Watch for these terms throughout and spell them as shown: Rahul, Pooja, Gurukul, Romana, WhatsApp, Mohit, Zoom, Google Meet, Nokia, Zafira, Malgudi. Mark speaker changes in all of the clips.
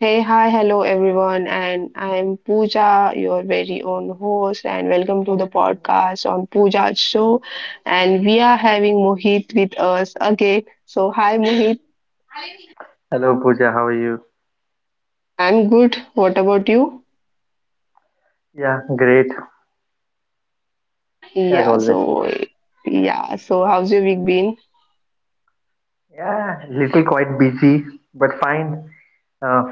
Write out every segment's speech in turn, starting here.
Speaker 1: Hey, hi, hello everyone, and I'm Pooja, your very own host, and welcome to the podcast on Pooja's show. And we are having Mohit with us again. So, hi Mohit,
Speaker 2: Hello Pooja, how are you?
Speaker 1: I'm good. What about you?
Speaker 2: Yeah, great as
Speaker 1: Yeah,
Speaker 2: always.
Speaker 1: so yeah, so how's your week been?
Speaker 2: Yeah, little quite busy, but fine. Uh,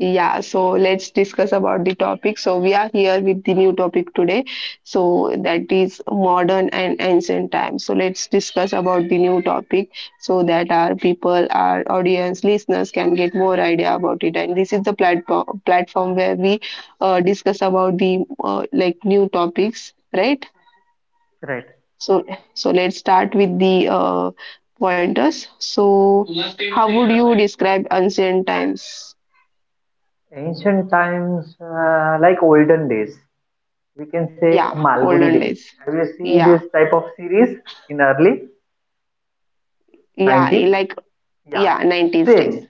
Speaker 1: Yeah, so let's discuss about the topic. So we are here with the new topic today. So that is modern and ancient times. So let's discuss about the new topic so that our people, our audience, listeners can get more idea about it. And this is the platform where we discuss about the like new topics, right?
Speaker 2: right.
Speaker 1: So so let's start with the pointers. So how would you describe ancient times?
Speaker 2: Ancient times, like olden days, we can say
Speaker 1: Yeah,
Speaker 2: Malgudi
Speaker 1: olden
Speaker 2: days.
Speaker 1: days.
Speaker 2: Have you seen this
Speaker 1: Yeah,
Speaker 2: type of series in early
Speaker 1: yeah,
Speaker 2: 90s?
Speaker 1: like
Speaker 2: Yeah,
Speaker 1: yeah, 90s days.
Speaker 2: same,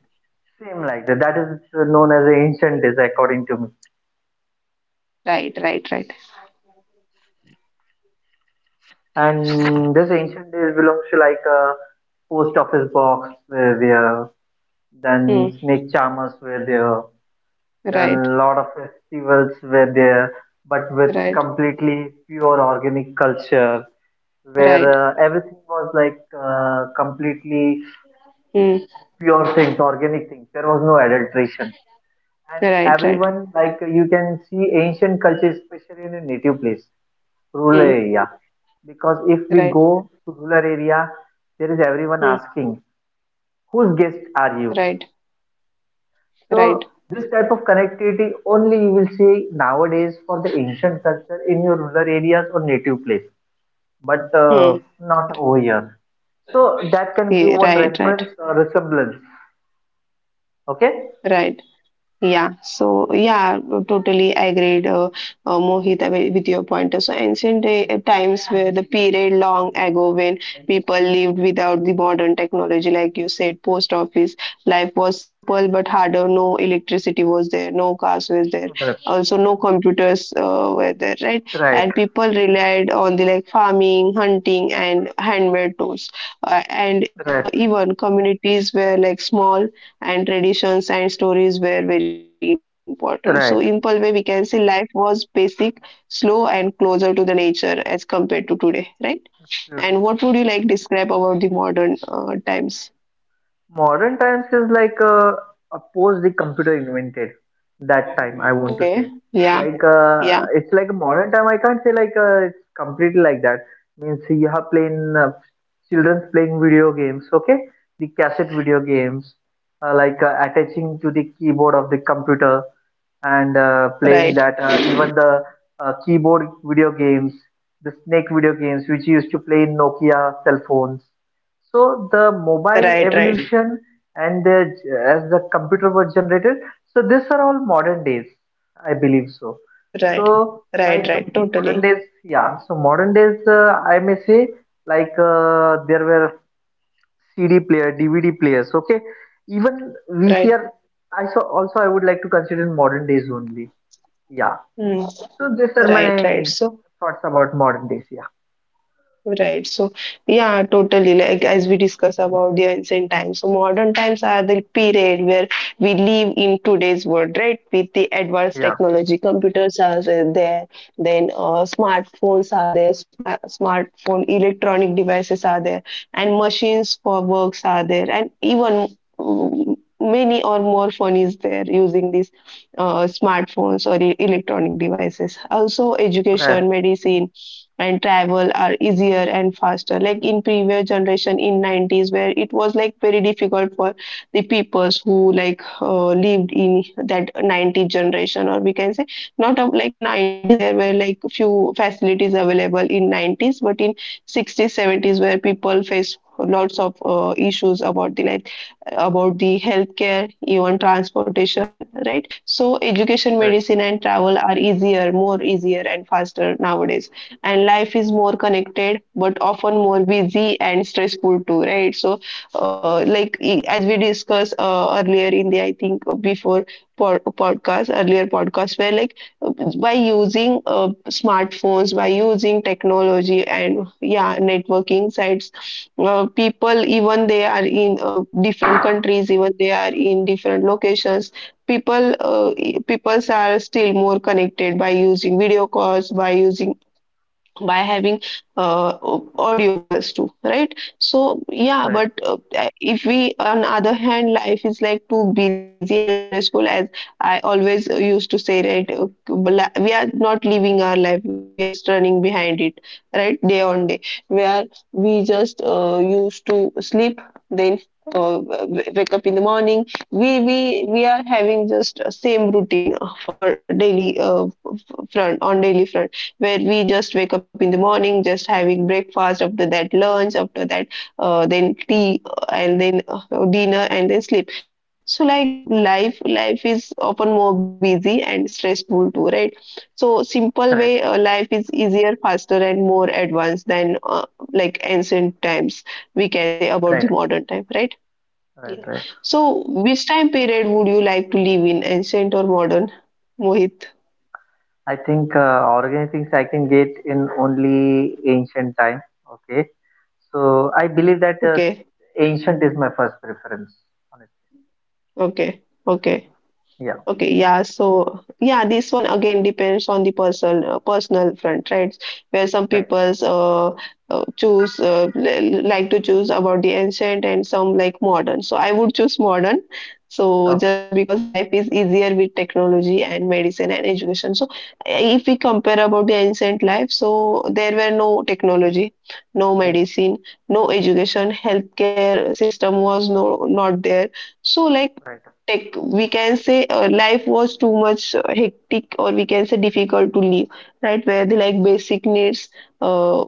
Speaker 2: same like that. That is known as ancient days according to me.
Speaker 1: Right, right, right.
Speaker 2: And this ancient days belongs to like a post office box where there, then
Speaker 1: Hmm.
Speaker 2: snake charmers were there.
Speaker 1: Right,
Speaker 2: Then lot of festivals were there, but with
Speaker 1: right,
Speaker 2: completely pure organic culture, where
Speaker 1: right.
Speaker 2: everything was like completely
Speaker 1: Hmm.
Speaker 2: pure things, organic things. There was no adulteration, and
Speaker 1: Right, right.
Speaker 2: everyone like you can see ancient culture, especially in a native place, rural
Speaker 1: Hmm.
Speaker 2: area. Because if we
Speaker 1: Right.
Speaker 2: go to rural area, there is everyone
Speaker 1: Hmm.
Speaker 2: asking, "Whose guest
Speaker 1: Right,
Speaker 2: are you?"
Speaker 1: right.
Speaker 2: So this type of connectivity only you will see nowadays for the ancient culture in your rural areas or native place, but
Speaker 1: Hmm.
Speaker 2: not
Speaker 1: Right.
Speaker 2: over here. So that can
Speaker 1: Yeah,
Speaker 2: give one
Speaker 1: right, right,
Speaker 2: reference or resemblance. Okay.
Speaker 1: right, yeah, so yeah, totally agreed, Mohit, with your point. So ancient times were the period long ago when people lived without the modern technology, like you said, post office. Life was simple but harder. No electricity was there, no cars were there,
Speaker 2: Right.
Speaker 1: also no computers were there, right?
Speaker 2: Right.
Speaker 1: And people relied on the like farming, hunting, and handmade tools. And
Speaker 2: Right.
Speaker 1: even communities were like small and traditions and stories were very important. So, in simple
Speaker 2: Right.
Speaker 1: way, we can say life was basic, slow, and closer to the nature as compared to today, right? And
Speaker 2: Absolutely.
Speaker 1: what would you like describe about the modern times?
Speaker 2: Modern times is like post the computer invented that time. I want to say
Speaker 1: Okay, yeah,
Speaker 2: like
Speaker 1: yeah,
Speaker 2: it's like a modern time. I can't say like it's completely like that. Means you have playing children's playing video games. Okay, the cassette video games like attaching to the keyboard of the computer and playing
Speaker 1: right,
Speaker 2: that even the keyboard video games, the snake video games which you used to play in Nokia cell phones, so the mobile
Speaker 1: right, right,
Speaker 2: evolution and the, as the computer was generated, so these are all modern days, I believe so.
Speaker 1: right,
Speaker 2: So
Speaker 1: right,
Speaker 2: like
Speaker 1: right,
Speaker 2: modern
Speaker 1: totally,
Speaker 2: days, yeah. So modern days, I may say like there were CD player, DVD players. Okay, even
Speaker 1: right.
Speaker 2: VCR. I so also I would like to consider modern days only. Yeah.
Speaker 1: Hmm.
Speaker 2: So these are
Speaker 1: Right, right.
Speaker 2: my
Speaker 1: So,
Speaker 2: thoughts about modern days. Yeah.
Speaker 1: right. So, yeah, totally. Like as we discuss about the ancient times, so modern times are the period where we live in today's world, right? With the advanced
Speaker 2: Yeah.
Speaker 1: technology, computers are there, then smartphones are there, smartphone electronic devices are there, and machines for works are there, and even mm, many or more phone is there using these smartphones or electronic devices. Also,
Speaker 2: Right.
Speaker 1: education, medicine and travel are easier and faster like in previous generation in 90s where it was like very difficult for the peoples who like lived in that 90s generation, or we can say not of like 90s there were like few facilities available in 90s, but in 60s, 70s, where people faced lots of issues about the like about the healthcare, even transportation, right? So education,
Speaker 2: Right.
Speaker 1: medicine and travel are easier more easier and faster nowadays, and life is more connected but often more busy and stressful too, right? So like as we discussed earlier in the I think before podcast, earlier podcast, where like uh, by using smartphones, by using technology and yeah networking sites, people, even they are in different countries, even they are in different locations, people uh, peoples are still more connected by using video calls, by having uh, audio calls too, right? So yeah,
Speaker 2: Right.
Speaker 1: but if we on other hand life is like too busy and stressful. As I always used to say, right, we are not living our life, we are just running behind it, right, day on day, where we just used to sleep, then wake up in the morning. We are having just same routine for daily uh, daily front, where we just wake up in the morning, just having breakfast, after that lunch, after that then tea and then dinner and then sleep. So like life is often more busy and stressful too, right? So simple way,
Speaker 2: Right.
Speaker 1: life is easier, faster and more advanced than like ancient times, we can say, about the
Speaker 2: Right.
Speaker 1: modern time, right?
Speaker 2: Right.
Speaker 1: Yeah,
Speaker 2: Right.
Speaker 1: so which time period would you like to live in, ancient or modern, Mohit?
Speaker 2: I think organic things I can get in only ancient time. Okay, so I believe that
Speaker 1: Okay.
Speaker 2: ancient is my first preference. Honestly,
Speaker 1: Okay, okay,
Speaker 2: yeah,
Speaker 1: okay. Yeah, so yeah, this one again depends on the person, personal front, right? Where some
Speaker 2: right,
Speaker 1: people's choose like to choose about the ancient and some like modern. So I would choose modern, so
Speaker 2: okay,
Speaker 1: just because life is easier with technology and medicine and education. So if we compare about the ancient life, so there were no technology, no
Speaker 2: right,
Speaker 1: medicine, no education, healthcare system was not there. So like
Speaker 2: right,
Speaker 1: tech we can say life was too much hectic, or we can say difficult to live, right? Where the like basic uh,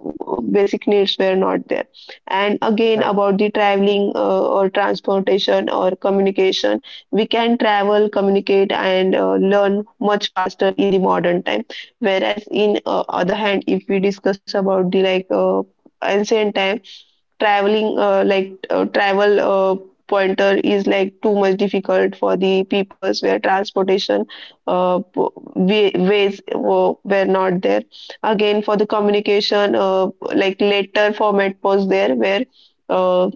Speaker 1: needs were not there. And again
Speaker 2: right,
Speaker 1: about the traveling or transportation or communication, we can travel, communicate and learn much faster in the modern time, whereas in other hand if we discuss about the like ancient time, travel pointer is like too much difficult for the peoples, where transportation ways were not there. Again for the communication, like letter format was there, where uh,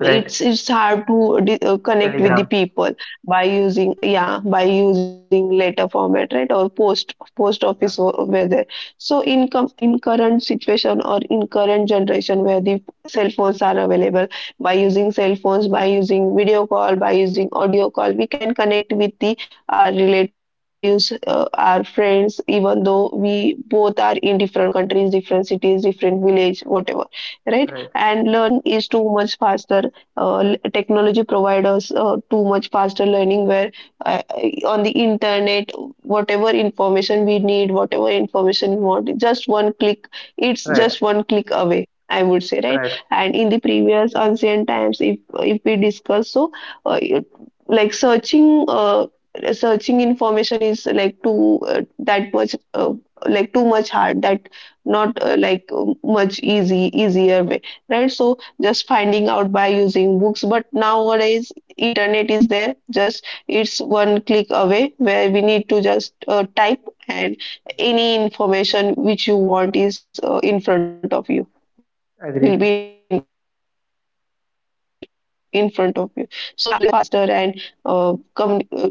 Speaker 2: right,
Speaker 1: it's hard to connect with the
Speaker 2: telegrams,
Speaker 1: people by using, yeah, by using letter format, right? Or post office
Speaker 2: yeah,
Speaker 1: were there. So in in current situation or in current generation where the cell phones are available, by using cell phones, by using video call, by using audio call, we can connect with the our relatives, our friends, even though we both are in different countries, different cities, different village, whatever, right?
Speaker 2: right,
Speaker 1: And learning is too much faster. Technology provide us too much faster learning, where on the internet, whatever information we need, whatever information we want, just one click, it's
Speaker 2: right,
Speaker 1: just one click away, I would say, right?
Speaker 2: right,
Speaker 1: And in the previous ancient times, if we discuss, so uh, it- like searching information is like too that much like too much hard, that not like much easy easier way, right? So just finding out by using books, but nowadays internet is there, just it's one click away, where we need to just type, and
Speaker 2: right,
Speaker 1: any information which you want is in front of you, will be in front of
Speaker 2: agreed,
Speaker 1: you. So yeah, so learning much faster, and we can say uh,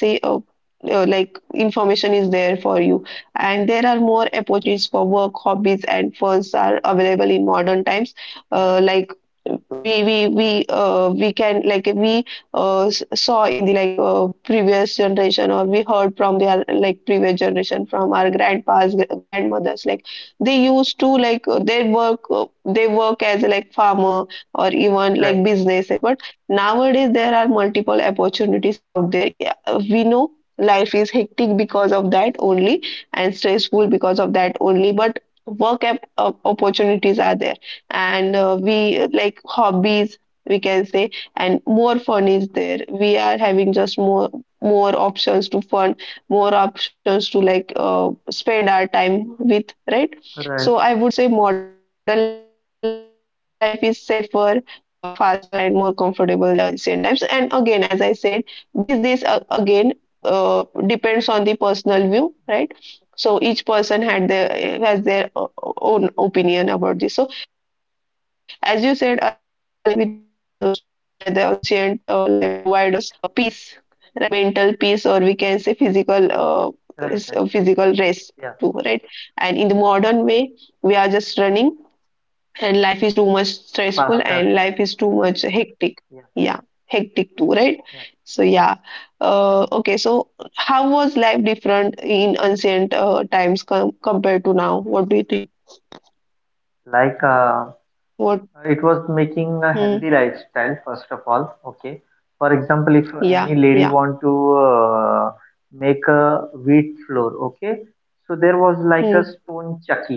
Speaker 1: uh, like information is there for you. And there are more opportunities for work, hobbies and funds are available in modern times.
Speaker 2: right,
Speaker 1: Like we can, saw in the like previous generation, or we heard from the like previous generation, from our grandpas, grandmothers, like they used to like they work as like farmer or even like
Speaker 2: right,
Speaker 1: businesses. But nowadays there are multiple opportunities out there, yeah. We know life is hectic because of that only, and
Speaker 2: mm,
Speaker 1: stressful because of that only. But work opportunities are there, and we like hobbies, we can say, and more fun is there. We are having just more options to fun, more options to like spend our time with, right?
Speaker 2: right,
Speaker 1: So I would say modern life is safer, faster and more comfortable than the ancient times. And again, as I said, this again depends on the personal view, right? So each person had their has their own opinion about this. So as you said, align with your pointers to where the ancient life provide us peace, right? Mental peace, or we can say physical,
Speaker 2: right, right,
Speaker 1: physical rest too,
Speaker 2: yeah, yes,
Speaker 1: right? And in the modern way, we are just running, and life is too much stressful,
Speaker 2: faster,
Speaker 1: and life is too much hectic.
Speaker 2: yeah,
Speaker 1: Yeah, hectic too, right?
Speaker 2: yeah,
Speaker 1: So yeah, okay. So how was life different in ancient times, compared to now? What do you think?
Speaker 2: like
Speaker 1: What?
Speaker 2: It was making a
Speaker 1: Hmm.
Speaker 2: healthy lifestyle, first of all, okay, for example if
Speaker 1: Yeah.
Speaker 2: any lady
Speaker 1: Yeah.
Speaker 2: want to uh, make a wheat flour, okay, so there was like a
Speaker 1: Hmm.
Speaker 2: stone chucky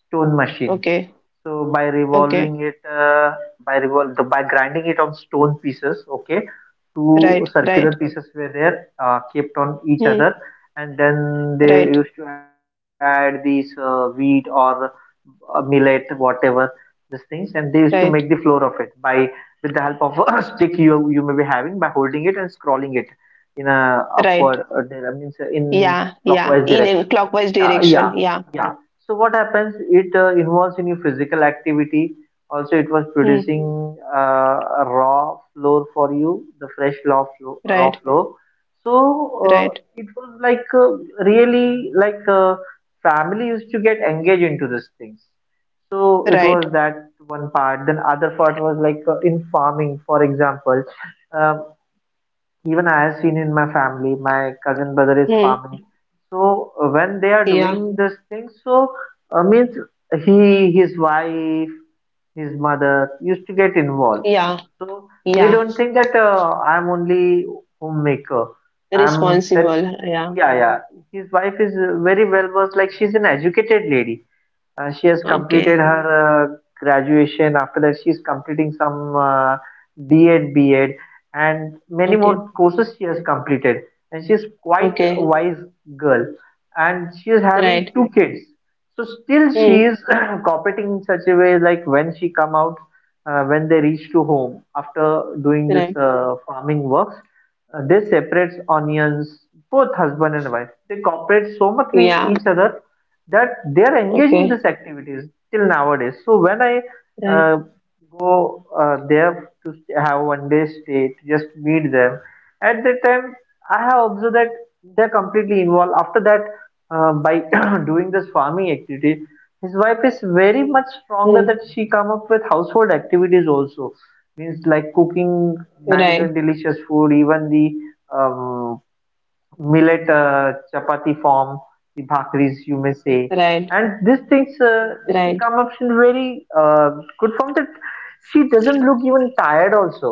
Speaker 2: stone machine,
Speaker 1: Okay.
Speaker 2: so by revolving
Speaker 1: Okay.
Speaker 2: it, by grinding it on stone pieces, okay, two
Speaker 1: Right.
Speaker 2: circular
Speaker 1: Right.
Speaker 2: pieces were there, kept on each
Speaker 1: Hmm.
Speaker 2: other, and then they
Speaker 1: Right.
Speaker 2: used to add these wheat or millet, whatever these things, and they used to make the
Speaker 1: Right.
Speaker 2: floor of it by with the help of a stick you may be having, by holding it and scrolling it in a
Speaker 1: Right.
Speaker 2: upward, means in
Speaker 1: Yeah. Yeah.
Speaker 2: clockwise
Speaker 1: In
Speaker 2: direction.
Speaker 1: a clockwise
Speaker 2: Yeah, yeah,
Speaker 1: direction. Yeah.
Speaker 2: yeah. So what happens? It involves in your physical activity. Also, it was
Speaker 1: Hmm.
Speaker 2: producing a raw flour for you, the fresh raw flour. Raw
Speaker 1: Right.
Speaker 2: flour. So
Speaker 1: Right.
Speaker 2: it was like really like family used to get engaged into these things. So it was
Speaker 1: Right.
Speaker 2: that one part. Then other part was like in farming, for example. Um Even I have seen in my family, my cousin brother is farming.
Speaker 1: Hmm.
Speaker 2: So when they are
Speaker 1: Yeah.
Speaker 2: doing this thing, so means he, his wife, his mother used to get involved.
Speaker 1: Yeah.
Speaker 2: So they
Speaker 1: Yeah.
Speaker 2: don't think that I'm only homemaker. I'm that.
Speaker 1: Responsible.
Speaker 2: Yeah,
Speaker 1: Yeah.
Speaker 2: yeah. His wife is very well versed. Like she's an educated lady. She has completed her
Speaker 1: Okay.
Speaker 2: graduation. After that, she is completing some D.Ed, B.Ed, and many more
Speaker 1: Okay.
Speaker 2: courses she has completed. And she is quite a
Speaker 1: Okay.
Speaker 2: wise girl. And she is having two
Speaker 1: Right.
Speaker 2: kids. So still she is
Speaker 1: Hmm.
Speaker 2: cooperating in such a way, like when she come out, when they reach to home after doing this
Speaker 1: Right.
Speaker 2: farming works, they separates onions, both husband and wife. They cooperate so much with each
Speaker 1: Yeah.
Speaker 2: other that they are engaged in these
Speaker 1: Okay.
Speaker 2: activities till nowadays. So when I
Speaker 1: Right.
Speaker 2: uh, go there to have one day stay to just meet them, at that time I have observed that they are completely involved. After that, by doing this farming activity, his wife is very much
Speaker 1: Hmm.
Speaker 2: stronger, that she come up with household activities also, means like cooking
Speaker 1: Right.
Speaker 2: nice and delicious food, even the millet chapati form, the bhakris you may say.
Speaker 1: Right.
Speaker 2: And these things
Speaker 1: Right.
Speaker 2: she come up in very good form, that she doesn't look even tired also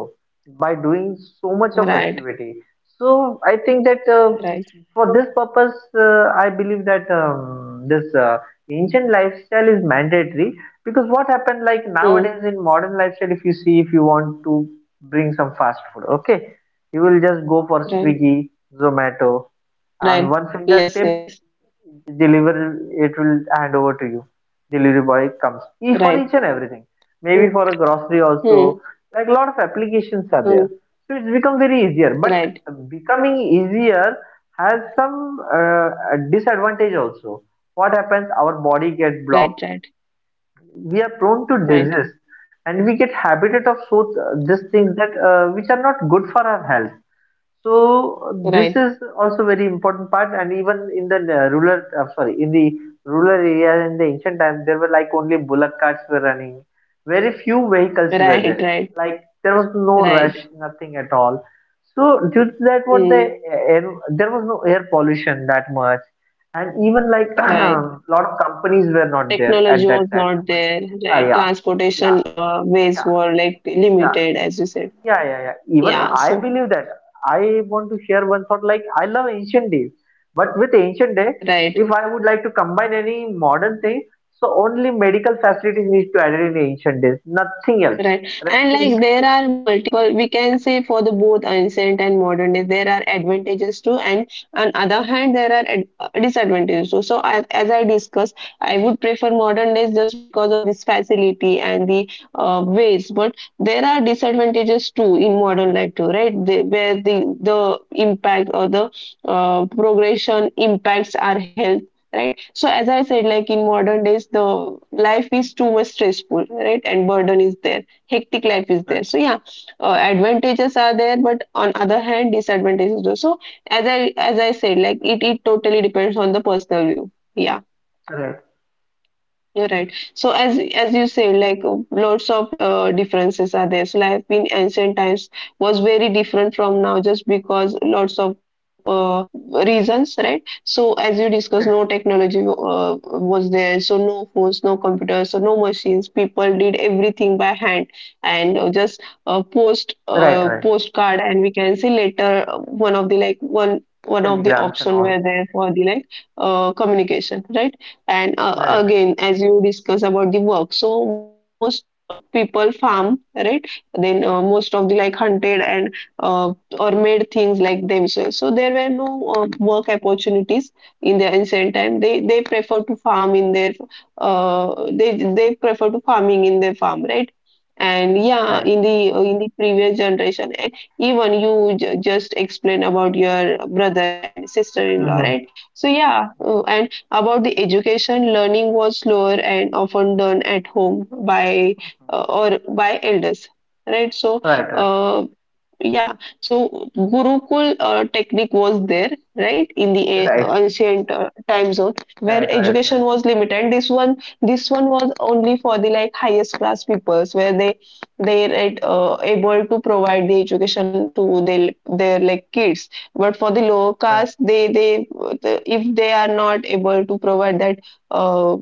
Speaker 2: by doing so much of
Speaker 1: Right.
Speaker 2: activity. So I think that
Speaker 1: Right.
Speaker 2: for this purpose, I believe that this ancient lifestyle is mandatory, because what happened like nowadays
Speaker 1: Hmm.
Speaker 2: in modern lifestyle, if you see, if you want to bring some fast food, okay, you will just go for
Speaker 1: Right.
Speaker 2: Swiggy, Zomato, and one
Speaker 1: Right.
Speaker 2: fingertip
Speaker 1: Yes. Yes.
Speaker 2: deliver, it will hand over to you, delivery boy comes for
Speaker 1: Right.
Speaker 2: each and everything, maybe
Speaker 1: Hmm.
Speaker 2: for a grocery also,
Speaker 1: Hmm.
Speaker 2: like a lot of applications are there,
Speaker 1: Hmm.
Speaker 2: so it's become very easier, but
Speaker 1: Right.
Speaker 2: becoming easier has some disadvantage also. What happens, our body gets
Speaker 1: Right, right,
Speaker 2: blocked, we are prone to
Speaker 1: right,
Speaker 2: disease, and we get habited of, so these things that which are not good for our health, so this
Speaker 1: right,
Speaker 2: is also very important part. And even in the rural, sorry, in the rural area in the ancient times, there were like only bullock carts were running. Very few vehicles were
Speaker 1: right,
Speaker 2: there.
Speaker 1: right,
Speaker 2: Like there was no
Speaker 1: right,
Speaker 2: rush, nothing at all. So due to that, what the
Speaker 1: mm,
Speaker 2: air, there was no air pollution that much, and even like
Speaker 1: right.
Speaker 2: lot of companies were not there
Speaker 1: Technology
Speaker 2: at
Speaker 1: was
Speaker 2: that time.
Speaker 1: not there,
Speaker 2: Yeah,
Speaker 1: right?
Speaker 2: yeah, yeah,
Speaker 1: Transportation ways
Speaker 2: yeah,
Speaker 1: were like
Speaker 2: yeah.
Speaker 1: limited, as you said.
Speaker 2: Yeah, yeah, yeah. Even
Speaker 1: Yeah,
Speaker 2: I
Speaker 1: so
Speaker 2: believe that. I want to share one thought. Like I love ancient days, but with ancient day,
Speaker 1: right.
Speaker 2: if I would like to combine any modern thing, so only medical facilities needs to added in ancient days. Nothing else.
Speaker 1: Right.
Speaker 2: Rest
Speaker 1: And
Speaker 2: is
Speaker 1: like there are multiple, we can say, for the both ancient and modern days there are advantages too. And on other hand, there are ad disadvantages too. So I, as I discussed, I would prefer modern days just because of this facility and the ways. But there are disadvantages too in modern life too, right? They, where the impact or the progression impacts our health, right? So as I said, like in modern days the life is too much stressful, right, and burden is there, hectic life is there, so
Speaker 2: right,
Speaker 1: yeah. Advantages are there, but on other hand disadvantages also. So as I said, like it totally depends on the personal view, yeah.
Speaker 2: right,
Speaker 1: You're right. So as you say, like lots of differences are there. So life in ancient times was very different from now, just because lots of reasons, right? So as you discussed, no technology was there, so no phones, no computers, so no machines. People did everything by hand and just post
Speaker 2: right, right.
Speaker 1: postcard, and we can see later, one of the like one of the
Speaker 2: Telegrams and
Speaker 1: option
Speaker 2: all.
Speaker 1: were there for the like communication, right? And
Speaker 2: Right, right,
Speaker 1: again as you discuss about the work, so most people farm, right, then most of the like hunted and uh, or made things like themselves, so there were no work opportunities in the ancient time. They prefer to farm in their they prefer to farming in their farm, right. And yeah,
Speaker 2: right.
Speaker 1: in the previous generation. And even you just explain about your brother and sister-in-law, right,
Speaker 2: Mm-hmm.
Speaker 1: so yeah. And about the education, learning was slower and often done at home by or by elders, right? So,
Speaker 2: Right, right,
Speaker 1: uh, yeah, so Gurukul technique was there, right, in the
Speaker 2: right, right,
Speaker 1: ancient time zone, where
Speaker 2: right, right,
Speaker 1: education was limited. This one was only for the like highest class peoples, where they, right, able to provide the education to their like kids. But for the lower caste,
Speaker 2: right,
Speaker 1: they the, if they are not able to provide that uh,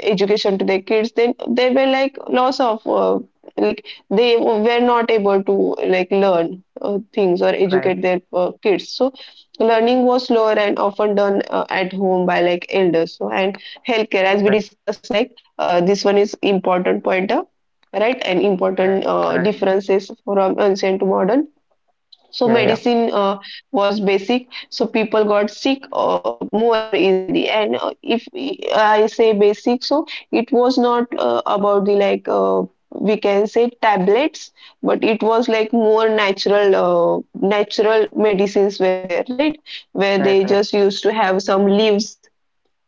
Speaker 1: education to their kids, then they were like loss of like they were not able to like learn things or educate
Speaker 2: right,
Speaker 1: their kids. So learning was slower and often done at home by like elders. So and healthcare, as we
Speaker 2: right,
Speaker 1: discussed, like this one is important pointer, right, and important
Speaker 2: right, right.
Speaker 1: differences from ancient to modern. So
Speaker 2: Yeah, yeah.
Speaker 1: medicine was basic, so people got sick more easily. And if I say basic, so it was not about the like we can say tablets, but it was like more natural, natural medicines were there, right, where they
Speaker 2: Right, right,
Speaker 1: just used to have some leaves,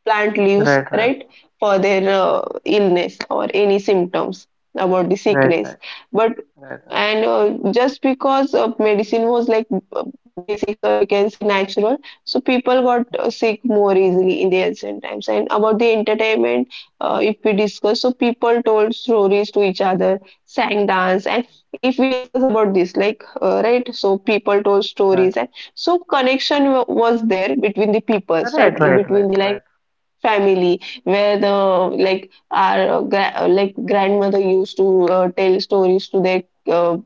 Speaker 1: plant leaves,
Speaker 2: right, right,
Speaker 1: right, for their
Speaker 2: right,
Speaker 1: illness or any symptoms about the
Speaker 2: right,
Speaker 1: sickness.
Speaker 2: right,
Speaker 1: But
Speaker 2: right,
Speaker 1: and just because of medicine was like uh, basics, or we can say natural, so people got sick more easily in the ancient times. And about the entertainment, if we discuss, so people told stories to each other, sang, dance. And if we discuss about this, like right, so people told
Speaker 2: right.
Speaker 1: stories. And so connection was there between the peoples,
Speaker 2: Right,
Speaker 1: right, in
Speaker 2: right, right,
Speaker 1: between the
Speaker 2: right,
Speaker 1: like family, where the like our like grandmother used to tell stories to their uh,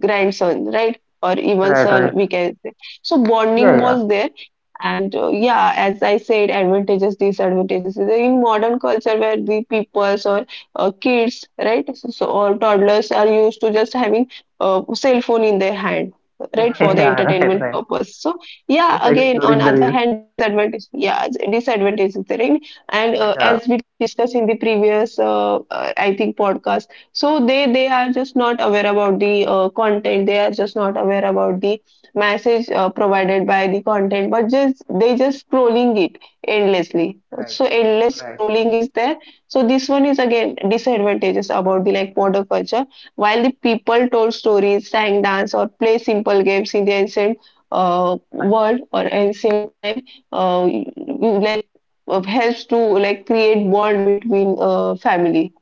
Speaker 1: grandson, right, or even
Speaker 2: right,
Speaker 1: son,
Speaker 2: right.
Speaker 1: we can say. So
Speaker 2: Yeah,
Speaker 1: bonding
Speaker 2: yeah,
Speaker 1: was there. And yeah, as I said, advantages, disadvantages. So in modern culture, where the peoples or kids, right, so, so, or toddlers are used to just having a cell phone in their hand, right, for the
Speaker 2: yeah, right,
Speaker 1: entertainment
Speaker 2: right.
Speaker 1: purpose. So yeah,
Speaker 2: Just
Speaker 1: again
Speaker 2: exploring
Speaker 1: on
Speaker 2: the
Speaker 1: other
Speaker 2: reels.
Speaker 1: hand, disadvantage, yeah, disadvantages there. In and
Speaker 2: Yeah,
Speaker 1: as we discussed in the previous I think podcast. So they are just not aware about the content, they are just not aware about the message provided by the content, but just they just scrolling it endlessly.
Speaker 2: right,
Speaker 1: So endless
Speaker 2: right,
Speaker 1: scrolling is there. So this one is again disadvantages about the like modern culture. While the people told stories, sang, dance, or play simple games in the ancient
Speaker 2: fine.
Speaker 1: world or ancient time, like helps to like create bond between family,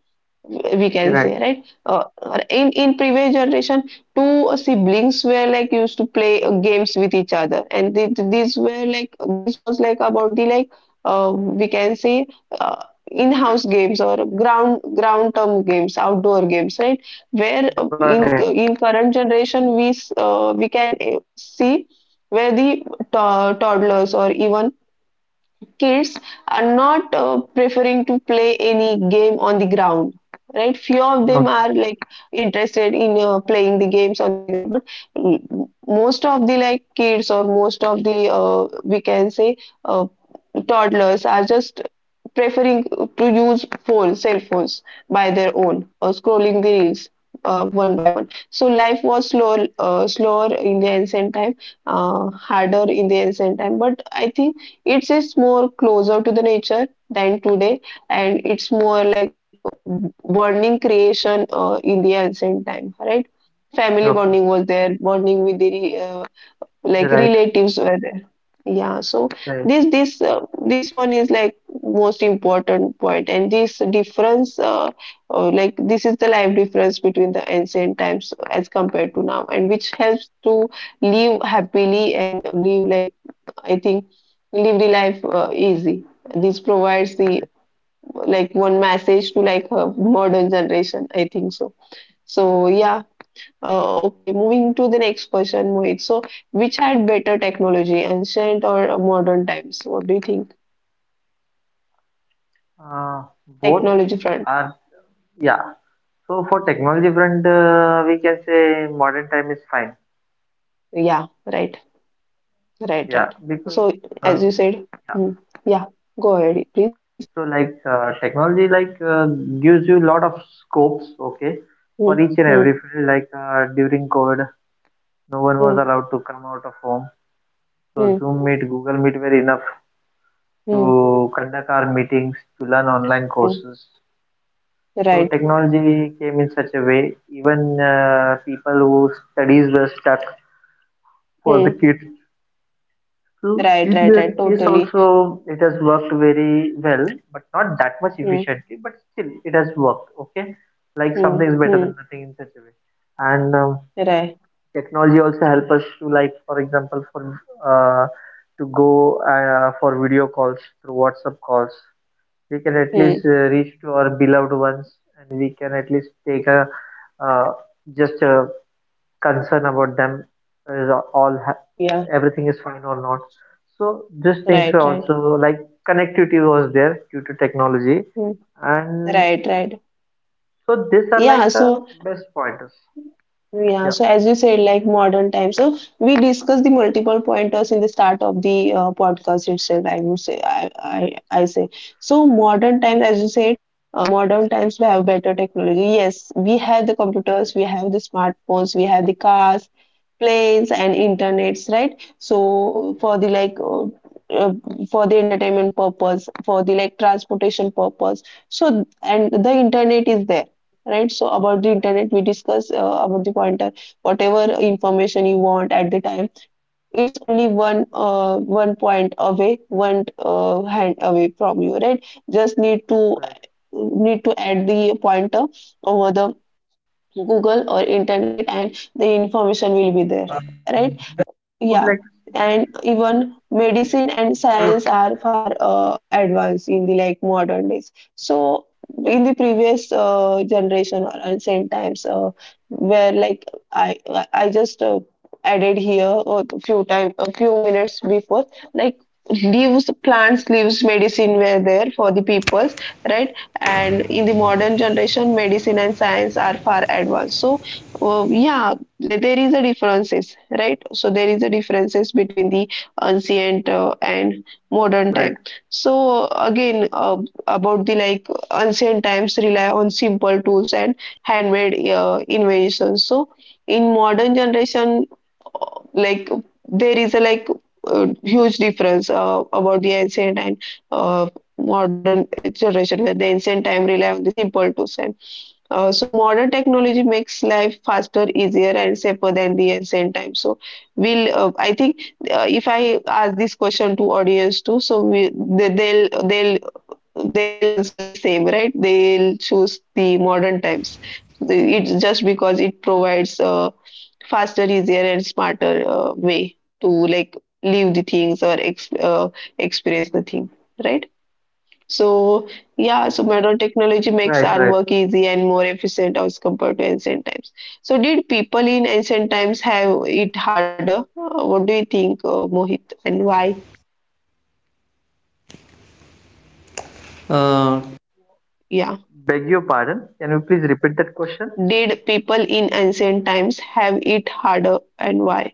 Speaker 1: we
Speaker 2: You're
Speaker 1: can say,
Speaker 2: right.
Speaker 1: right. In previous generation, two siblings were like used to play games with each other, and these were like this was like about the like we can say, uh, in-house games or ground ground term games, outdoor games, right, where
Speaker 2: Got it.
Speaker 1: in current generation we we can see where the toddlers or even kids are not preferring to play any game on the ground, right. Few of
Speaker 2: No,
Speaker 1: them are like interested in playing the games on the ground, but most of the like kids or most of the we can say uh, toddlers are just preferring to use phones, cell phones, by their own or scrolling the reels one by one. So life was slower, slower in the ancient time, harder in the ancient time, but I think it's more closer to the nature than today, and it's more like bonding creation in the ancient time, right? Family
Speaker 2: okay.
Speaker 1: bonding was there, bonding with the
Speaker 2: You're
Speaker 1: like
Speaker 2: right.
Speaker 1: relatives were there. Yeah, so
Speaker 2: Right.
Speaker 1: this one is like most important point, and this difference, like this is the life difference between the ancient times as compared to now, and which helps to live happily and live like, I think, delivery life easy. This provides the like one message to like modern generation, I think so. So yeah, okay. Moving to the next question, Mohit. So which had better technology, ancient or modern times? What do you think?
Speaker 2: Uh, Both
Speaker 1: Technology front.
Speaker 2: are yeah. So for technology front, we can say modern time is fine.
Speaker 1: Yeah, right, right,
Speaker 2: Yeah,
Speaker 1: right.
Speaker 2: because
Speaker 1: So
Speaker 2: uh,
Speaker 1: as you said,
Speaker 2: yeah.
Speaker 1: mm, yeah. Go ahead, please.
Speaker 2: So like technology like gives you a lot of scopes. Okay,
Speaker 1: Mm,
Speaker 2: for each and every
Speaker 1: mm,
Speaker 2: field. Like during COVID no one was
Speaker 1: mm,
Speaker 2: allowed to come out of home. So
Speaker 1: mm,
Speaker 2: Zoom Meet, Google Meet were enough
Speaker 1: mm,
Speaker 2: to conduct our meetings, to learn online
Speaker 1: mm.
Speaker 2: courses. So
Speaker 1: Right.
Speaker 2: technology came in such a way, even people whose studies were stuck for the
Speaker 1: Mm.
Speaker 2: kids. So
Speaker 1: Right,
Speaker 2: in
Speaker 1: right, right.
Speaker 2: that case
Speaker 1: Totally.
Speaker 2: also it has worked very well, but not that much
Speaker 1: Hmm.
Speaker 2: efficiently, but still it has worked. Okay, like
Speaker 1: Hmm.
Speaker 2: something is better
Speaker 1: Hmm.
Speaker 2: than nothing in such a way. And
Speaker 1: Right.
Speaker 2: technology also help us to, like for example for uh, to go for video calls through WhatsApp calls, we can at
Speaker 1: Hmm.
Speaker 2: least reach to our beloved ones and we can at least take a uh, just a concern about them, is all
Speaker 1: Yeah.
Speaker 2: everything is fine or not, so these things
Speaker 1: Right.
Speaker 2: were
Speaker 1: Right.
Speaker 2: also like connectivity was there due to technology,
Speaker 1: Hmm.
Speaker 2: and
Speaker 1: Right. Right.
Speaker 2: so these are
Speaker 1: Yeah.
Speaker 2: like
Speaker 1: So
Speaker 2: best pointers,
Speaker 1: yeah.
Speaker 2: yeah,
Speaker 1: So as you said, like modern times. So we discussed the multiple pointers in the start of the podcast itself, I would say. I say. So modern times, as you said, modern times we have better technology. Yes, we have the computers, we have the smartphones, we have the cars, planes, and internets, right. So for the like uh, for the entertainment purpose, for the like transportation purpose. So and the internet is there, right. So about the
Speaker 2: right.
Speaker 1: internet we discuss about the pointer, whatever information you want at the time, it's only one one point away, one hand away from you, right. Just need to
Speaker 2: Right.
Speaker 1: need to add the pointer over the Google or internet, and the information will be there, right. Yeah, and even medicine and science are far advanced in the like modern days. So in the previous generation or ancient times, where like I just added here a few time, a few minutes before, like leaves, plants, leaves medicine were there for the peoples, right. And in the modern generation, medicine and science are far advanced. So well, yeah, there is a differences, right? So there is a differences between the ancient and modern time. So again, about the like ancient times rely on simple tools and handmade inventions. So in modern generation, like there is a like huge difference about the ancient and uh, modern generation, where the ancient time rely on the simple tools and so modern technology makes life faster, easier, and safer than the ancient times. So we'll, I think, if I ask this question to audience too, so we they, they'll answer the same, right? They'll choose the modern times. It's just because it provides a faster, easier, and smarter way to like leave the things or ex experience the thing, right? So yeah, so modern technology makes our work easy and more efficient as compared to ancient times. So did people in ancient times have it harder? What do you think, Mohit, and why? Yeah, did people in ancient times have it harder and why?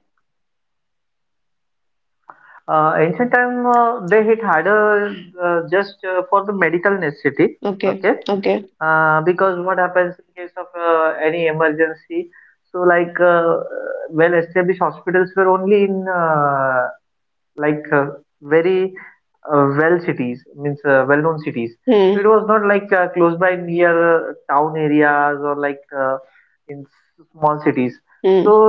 Speaker 1: Okay, okay. Hmm, hmm.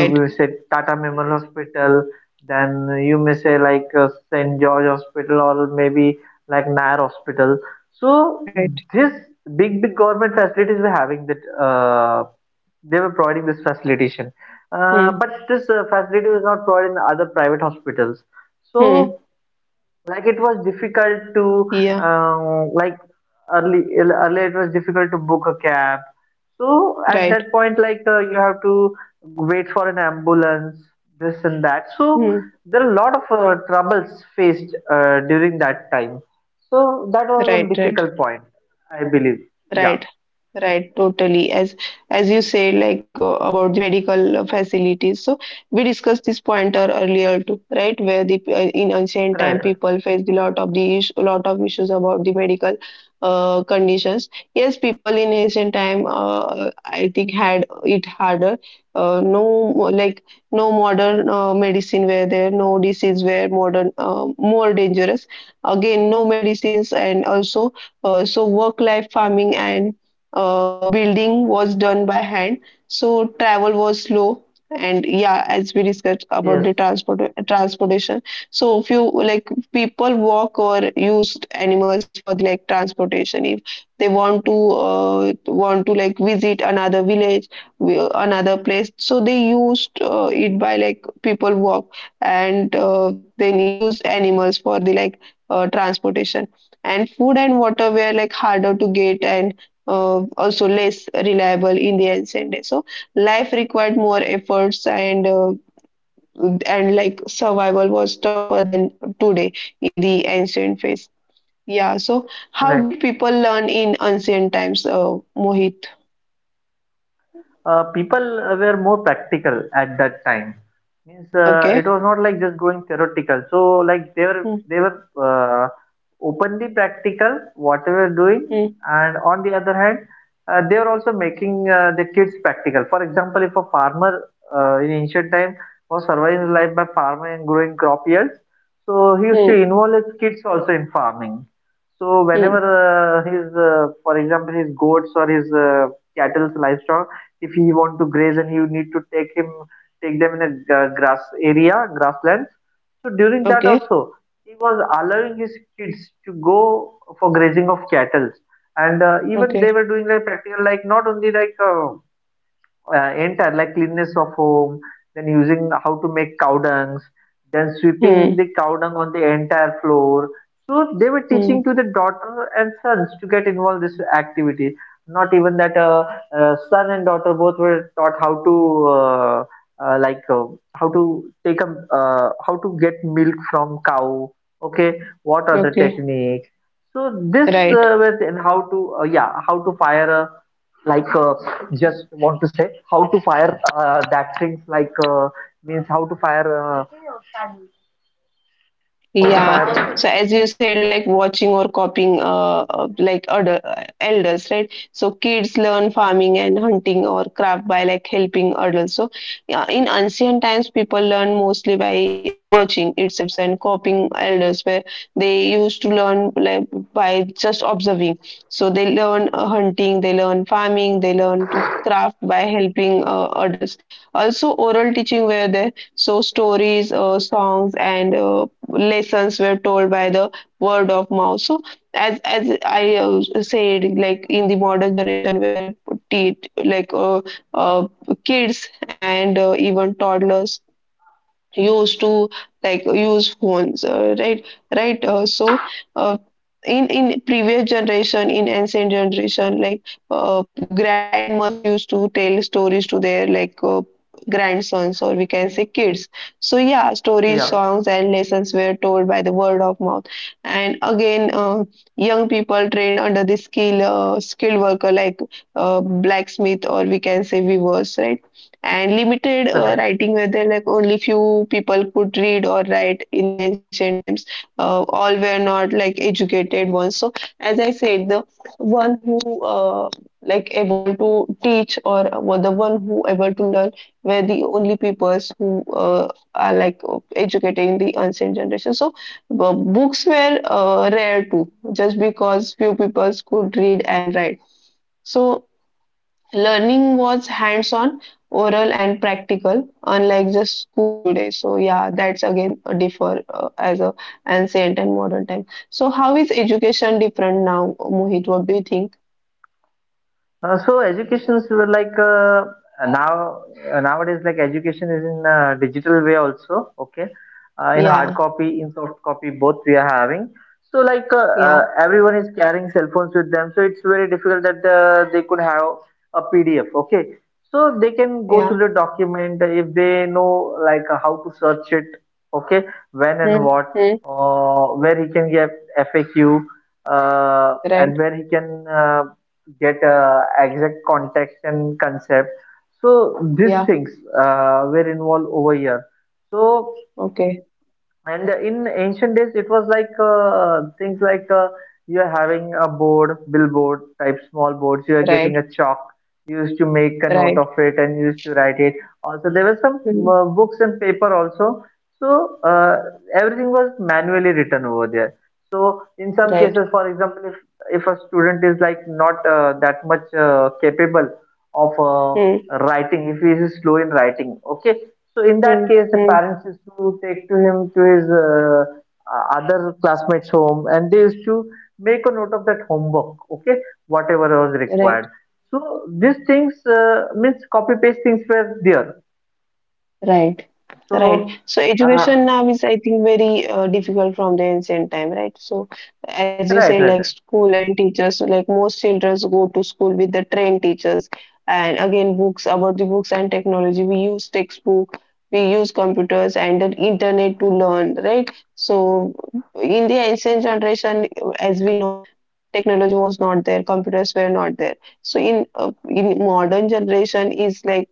Speaker 1: Right, right. Hmm, hmm. Yeah, right. Hmm, right, right. Right, right, totally. As you say, like about the medical facilities. So we discussed this pointer earlier too, right? Where the in ancient time people faced a lot of the issue, lot of issues about the medical conditions. Yes, people in ancient time, I think, had it harder. No, like no modern medicine were there. No disease were modern, more dangerous. Again, no medicines, and also so work life, farming, and building was done by hand. So travel was slow. And yeah, as we discussed about the transportation, so if you like, people walk or used animals for the like transportation, if they want to like visit another village, another place, so they used it by like people walk, and then used animals for the like transportation. And food and water were like harder to get, and also less reliable in the ancient days. So life required more efforts and like survival was tougher than today in the ancient phase. Yeah. So how did people learn in ancient times, Mohit? Okay. Hmm. Hmm. Hmm. Hmm. Okay. Okay. Hmm. Hmm. Okay. Right. Yeah. So as you said, like watching or copying, like other elders, right? So kids learn farming and hunting or craft by like helping adults. So yeah, in ancient times, people learn mostly by watching itself and copying elders, where they used to learn like by just observing. So they learn hunting, they learn farming, they learn to craft by helping others. Also, oral teaching were there. So stories, songs, and lessons were told by the word of mouth. So as I said, like in the modern generation where te- like uh, kids and even toddlers used to like use phones right, right so, uh, in previous generation, in ancient generation, like uh, grandmothers used to tell stories to their like grandsons, or we can say kids. So yeah, stories, songs and lessons were told by the word of mouth. And again, young people trained under the skilled worker, like blacksmith, or we can say weavers, right? And limited writing, whether like only few people could read or write in the ancient times. All were not like educated ones. So as I said, the one who like able to teach, or were the one who able to learn, were the only peoples who are like educated in the ancient generation. So books were rare too, just because few peoples could read and write. So learning was hands-on, oral and practical, unlike the school today. So yeah, that's again a differ as a ancient and modern time. So how is education different now, Mohit? What do you think? Yeah, yeah, yeah. Hmm, hmm, right. Yeah. Okay. Right. Right. Hmm, right. Hmm, hmm, hmm, right. Right. Right. So education now is, I think, very difficult from the ancient time, right? So as you say, like school and teachers, so, like most children go to school with the trained teachers. And again, books, about the books and technology. We use textbook, we use computers and the internet to learn, right? So in the ancient generation, as we know, technology was not there, computers were not there. So in modern generation is like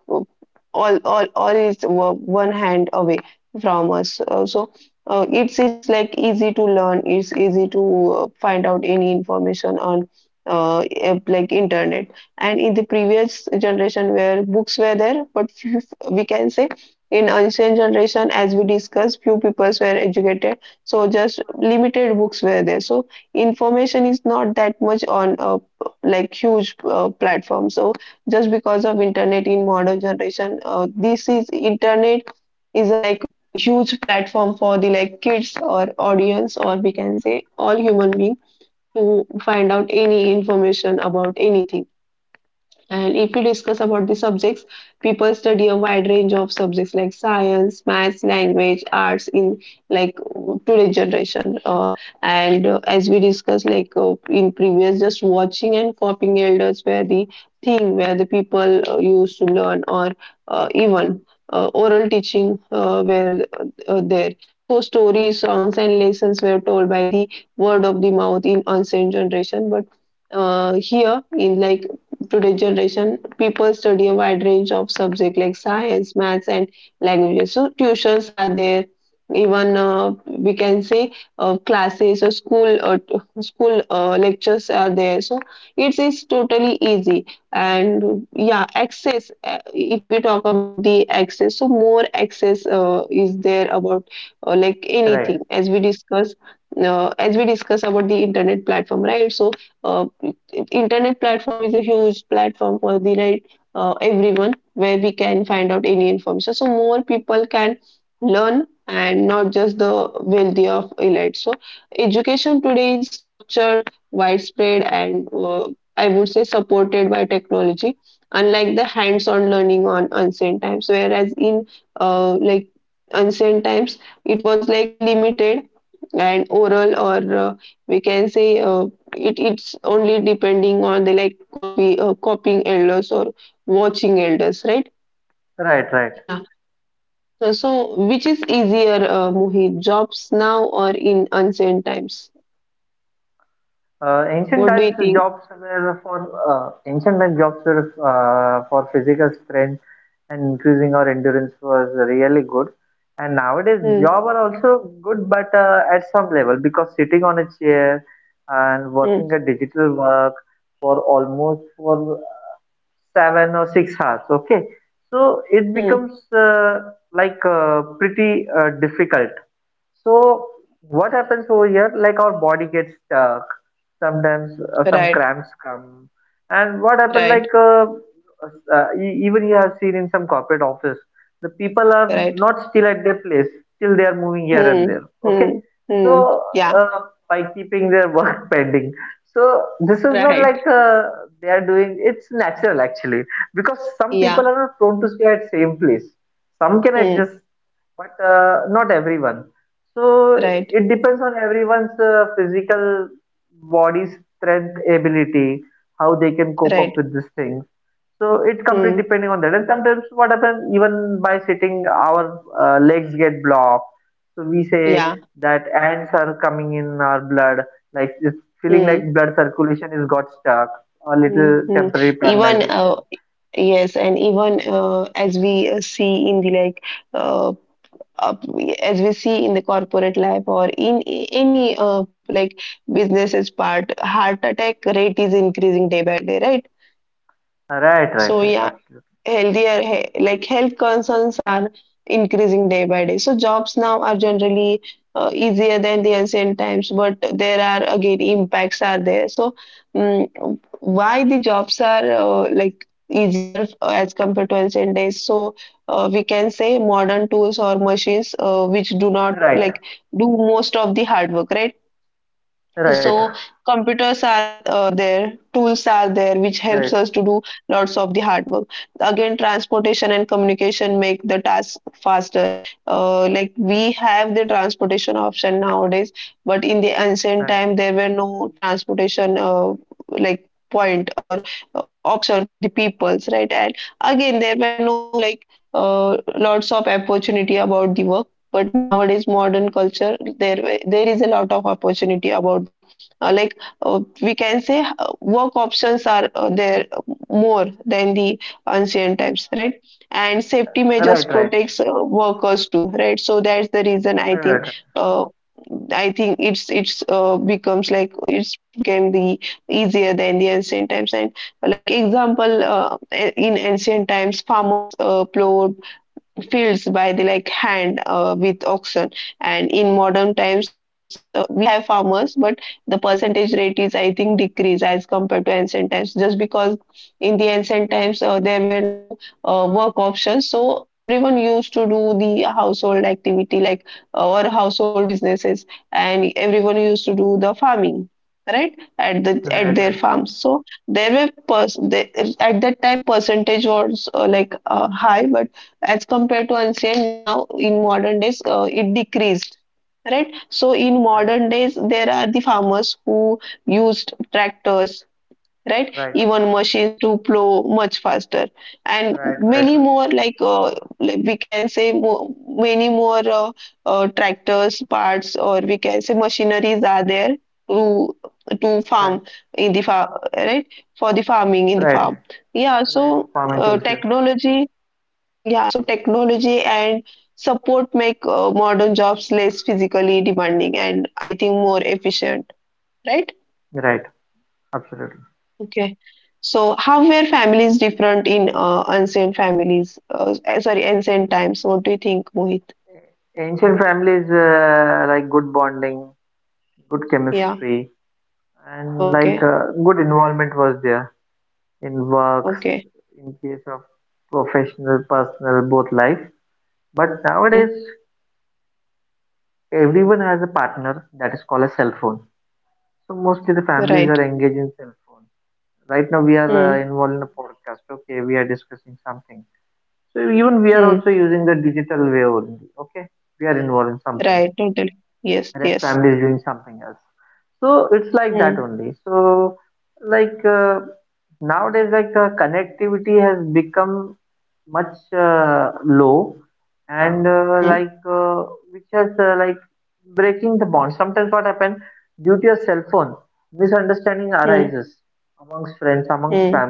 Speaker 1: all is one hand away from us. So it's like easy to learn, it's easy to find out any information on like internet. And in the previous generation where books were there but few, we can say in ancient generation, as we discussed, few peoples were educated, so just limited books were there, so information is not that much on a like huge platform. So just because of internet in modern generation, this is internet is a like huge platform for the like kids or audience, or we can say all human being, to find out any information about anything. And if we discuss about the subjects, people study a wide range of subjects like science, maths, language, arts in like today's generation. And as we discussed, like in previous, just watching and copying elders were the thing where the people used to learn, or even oral teaching were there. So stories, songs, and lessons were told by the word of the mouth in ancient generation, but here in like today's generation, people study a wide range of subjects like science, maths and languages, so tuitions are there. Even we can say classes or school lectures are there, so it is totally easy. And yeah, access if we talk about the access, so more access is there about like anything, as we discuss, as we discuss about the internet platform, right? So uh, internet platform is a huge platform for the like everyone, where we can find out any information, so more people can learn, and not just the wealthy of elite. So education today is structured, widespread and I would say supported by technology, unlike the hands-on learning on ancient times, whereas in like ancient times it was like limited and oral, or uh, we can say it's only depending on the like copying elders or watching elders, right? Yeah. So which is easier, Mohit, jobs now or in ancient times? What do you think? Hmm, hmm, hmm. Right. Right. Right. Hmm, hmm, hmm. Yeah. Right. Yeah. Hmm. Right. Right. Hmm. Yeah. Hmm. Hmm. Hmm. even Yes, and even as we see in the like uh, uh, as we see in the corporate life or in any like businesses part, heart attack rate is increasing day by day, right? So yeah, like health concerns are increasing day by day, so jobs now are generally easier than the ancient times, but there are again impacts are there. So mm, why the jobs are like easier as compared to ancient days? So we can say modern tools or machines which do not like do most of the hard work, right? So computers are there, tools are there, which helps us to do lots of the hard work. Again, transportation and communication make the task faster. Like we have the transportation option nowadays, but in the ancient time there were no transportation like point or option for the peoples, right? And again, there were no like lots of opportunity about the work. But nowadays, modern culture, there is a lot of opportunity about the like we can say work options are there, more than the ancient times, right? And safety measures protects workers too, right? So that's the reason, I think, uh, I think it's becomes like it's became the easier than the ancient times. And like example, in ancient times farmers plowed fields by the like hand with oxen. And in modern times, we have farmers, but the percentage rate is, I think, decrease as compared to ancient times, just because in the ancient times there were no work options, so everyone used to do the household activity, like or household businesses, and everyone used to do the farming right at the at their farms. So there were at that time percentage was like high, but as compared to ancient, now in modern days it decreased, right? So in modern days there are the farmers who used tractors, right? Even machines to plow much faster, and many more like we can say, many more tractors parts, or we can say machineries are there to to farm in the farm, right? For the farming in the farm. Yeah. So uh, technology technology and support make modern jobs less physically demanding and, I think, more efficient, right? Okay. So how were families different in ancient families? Sorry, ancient times. What do you think, Mohit? Yeah. Okay. Okay. Hmm. Right. Hmm. Hmm. Right. Totally. Yes. Yes. Hmm. Hmm. Hmm. Hmm.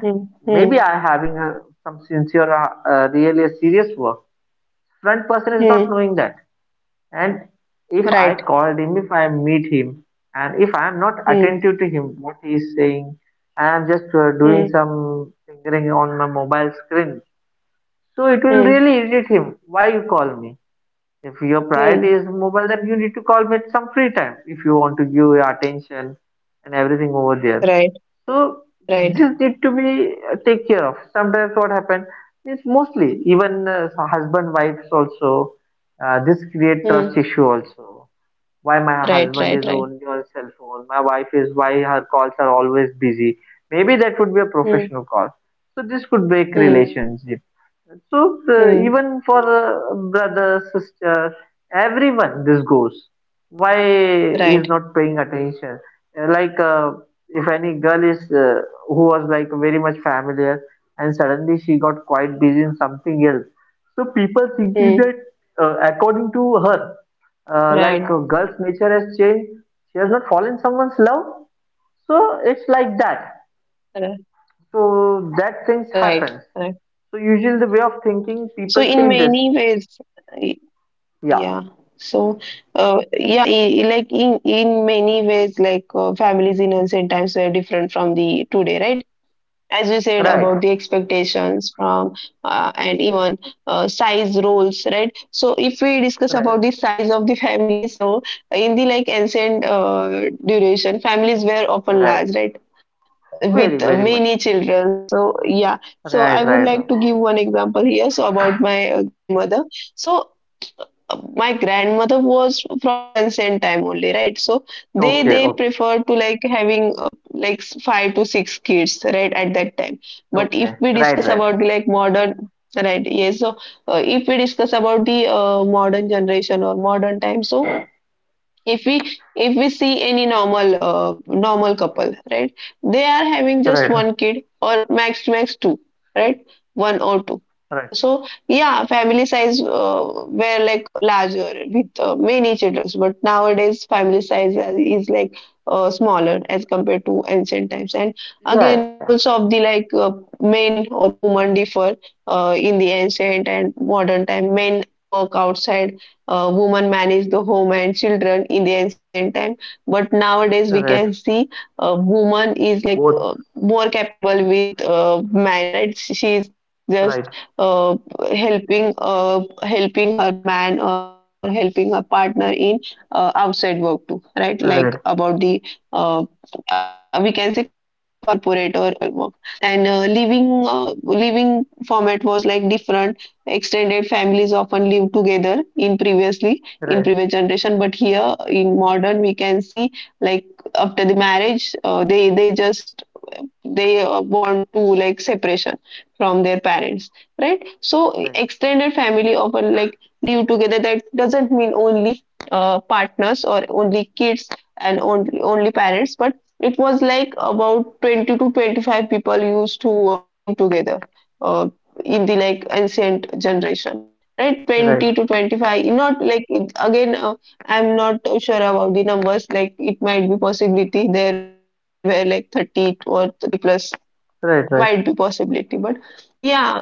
Speaker 1: Hmm. Hmm. Hmm. Right. Hmm. Hmm. Hmm. Hmm. Hmm. Right. Right. Hmm. Right. Right. Right. Hmm. Hmm. Hmm. Right. Hmm. Right. Right. Right. So in many ways, y- yeah. So, yeah, like in many ways, like families in ancient times were different from the today, right? As you said about the expectations from and even size roles, right? So if we discuss about the size of the family, so in the like ancient duration, families were often large, right? uh, with many children. So yeah, so I would like to give one example here, so about my grandmother. So my grandmother was from the ancient time only, right? So they prefer to like having like five to six kids, right, at that time. But if we discuss about the like modern, right, yes, so if we discuss about the modern generation or modern time, so if we, if we see any normal normal couple, right, they are having just one kid or max two, right? One or two. So yeah, family size were like larger with many children, but nowadays family size is like smaller as compared to ancient times. And again, roles of the like men or woman differ in the ancient and modern time. Men work outside, women manage the home and children in the ancient time. But nowadays we can see woman is like more capable with man, right? She is just uh, helping her man or helping her partner in outside work too, right? Like about the uh, we can say corporate or official work. And living format was like different. Extended families often live together in previously in previous generation, but here in modern we can see, like, after the marriage, they just they want to like separation from their parents, right? So extended family often like live together. That doesn't mean only partners or only kids and only parents, but it was like about 20 to 25 people used to live together uh, in the like ancient generation, right? 20 to 25, not like again, I'm not sure about the numbers. Like, it might be possibility there were like 30 or 30 plus, might be possibility. But yeah,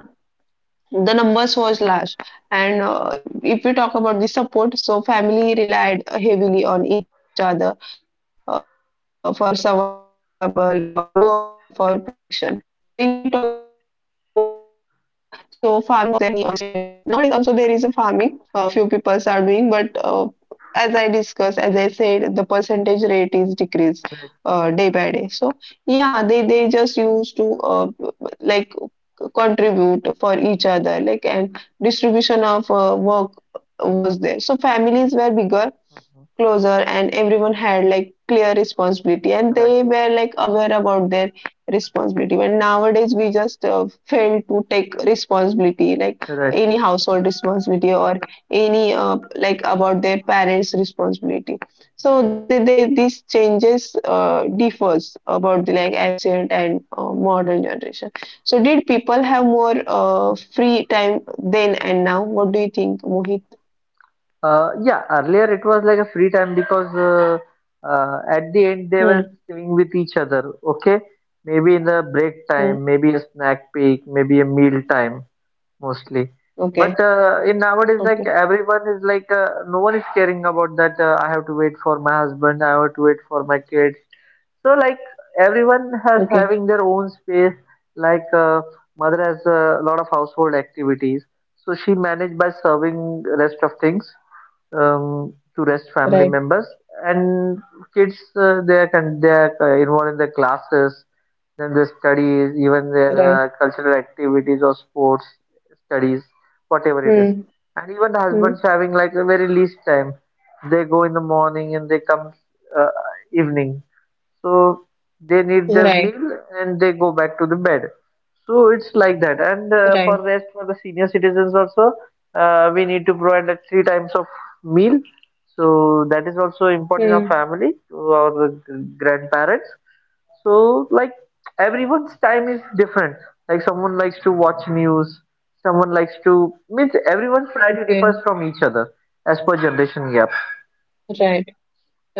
Speaker 1: the numbers was large. And if we talk about the support, so family relied heavily on each other for survival, for work, or for protection. So if we talk about the work, so farming was there in the ancient generation. Nowadays also there is a farming, few people are doing, but as I discussed, as I said, the percentage rate is decreased day by day. So yeah, they just used to like contribute for each other, like, and distribution of work was there. So families were bigger, closer, and everyone had like clear responsibility and they were like aware about their responsibility. But nowadays we just fail to take responsibility, like any household responsibility or any like about their parents responsibility. So they these changes differs about the like ancient and modern generation. So did people have more free time then and now? What do you think, Mohit? Hmm. Hmm. Okay. Okay. Okay. Right. Right. Hmm. Hmm. Right. Right. Hmm. Okay. Right.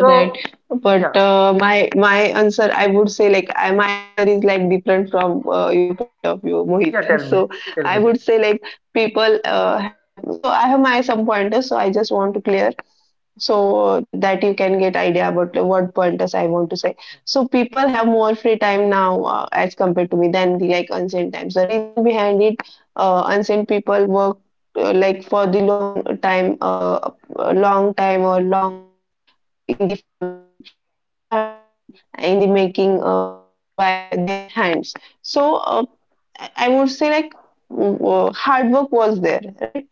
Speaker 1: Right. But my answer, I would say, like, my answer is like different from your point of view, Mohit. So I would say, like, people have. So I have my some pointers. So I just want to clear so that you can get idea about what pointers I want to say. So people have more free time now, as compared to me than the like ancient times. The reason behind it, ancient people work like for the long time or long hours in the farming, in the hunting, in the making things by their hands. So I would say like hard work was there, right?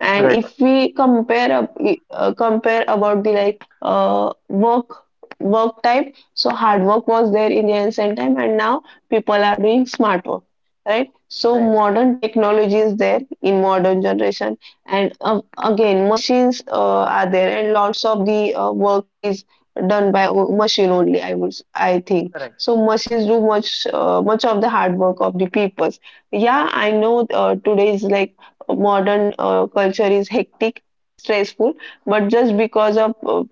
Speaker 1: And if we compare up compare about the like work type, so hard work was there in the ancient time and now people are doing smart work, right? So modern technology is there in modern generation. And again, machines are there and lots of the work is done by machine only. I think so machines do much much of the hard work of the peoples. Yeah, I know, today is like modern culture is hectic, stressful, but just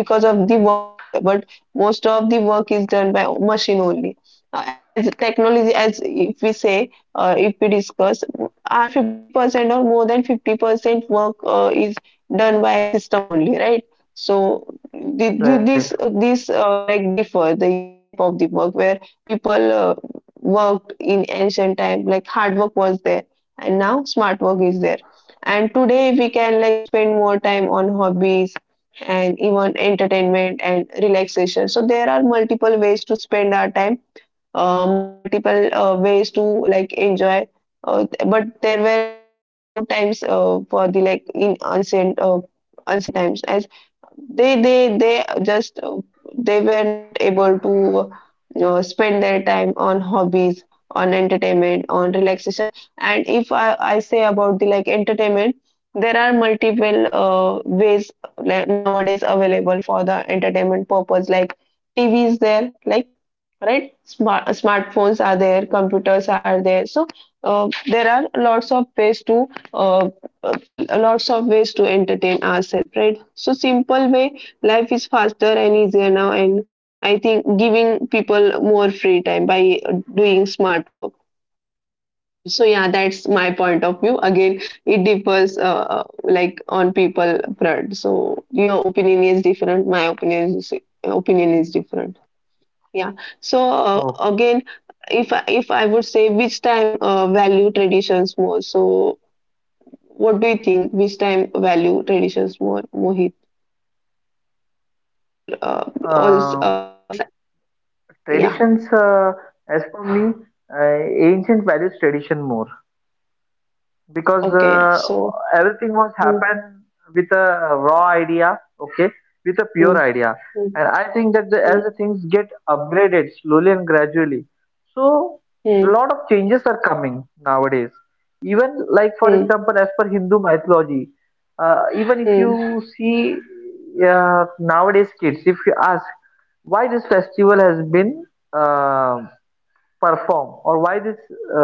Speaker 1: because of the workload. But most of the work is done by machine only. As technology, as if we say, if we discuss, are 50% or more than 50% work is done by system only, right? So the, this like differ the type of the work where people worked in ancient time, like hard work was there and now smart work is there. And today we can like spend more time on hobbies and even entertainment and relaxation. So there are multiple ways to spend our time, multiple ways to like enjoy but there were like no times for the like in ancient times as they just they were not able to, spend their time on hobbies, on entertainment, on relaxation. And if I, I say about the like entertainment, there are multiple ways, like, nowadays available for the entertainment purpose, like TV is there, like right, smartphones are there, computers are there. So there are lots of ways to uh, uh, lots of ways to entertain ourselves, right? So simple way life is faster and easier now, and I think giving people more free time by doing smart work. So yeah, that's my point of view. Again, it differs like on people abroad, so your opinion is different, my opinion is different. Yeah. So again, if I would say which time value traditions more, so what do you think? Which time value traditions more, Mohit, or else, else? Yeah. Okay. So. Hmm, hmm, hmm, hmm, hmm, hmm, hmm,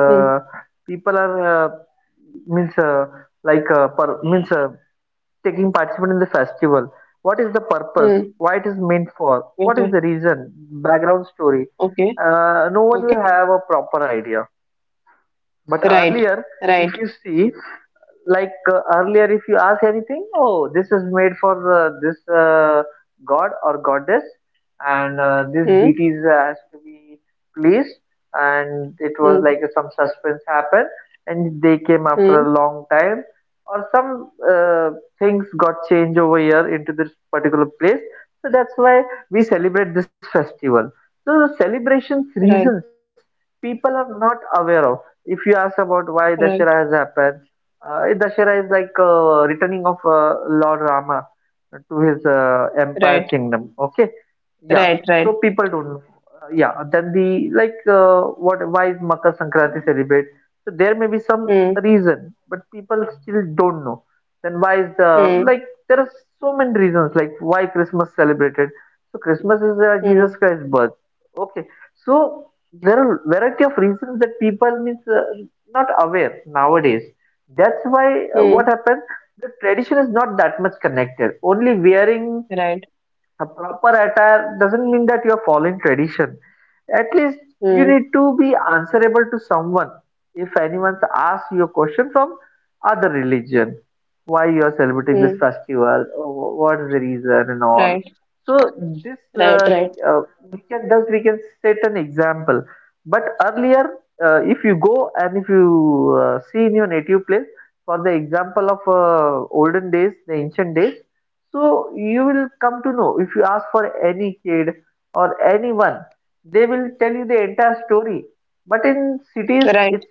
Speaker 1: hmm, hmm. Okay. Okay. Okay. Right. Right. Hmm. Hmm. Hmm. Right. Right. Right. Right. Right. Right. Hmm. Hmm. Hmm. Hmm. Right. Hmm. Hmm. Right, right, right, right,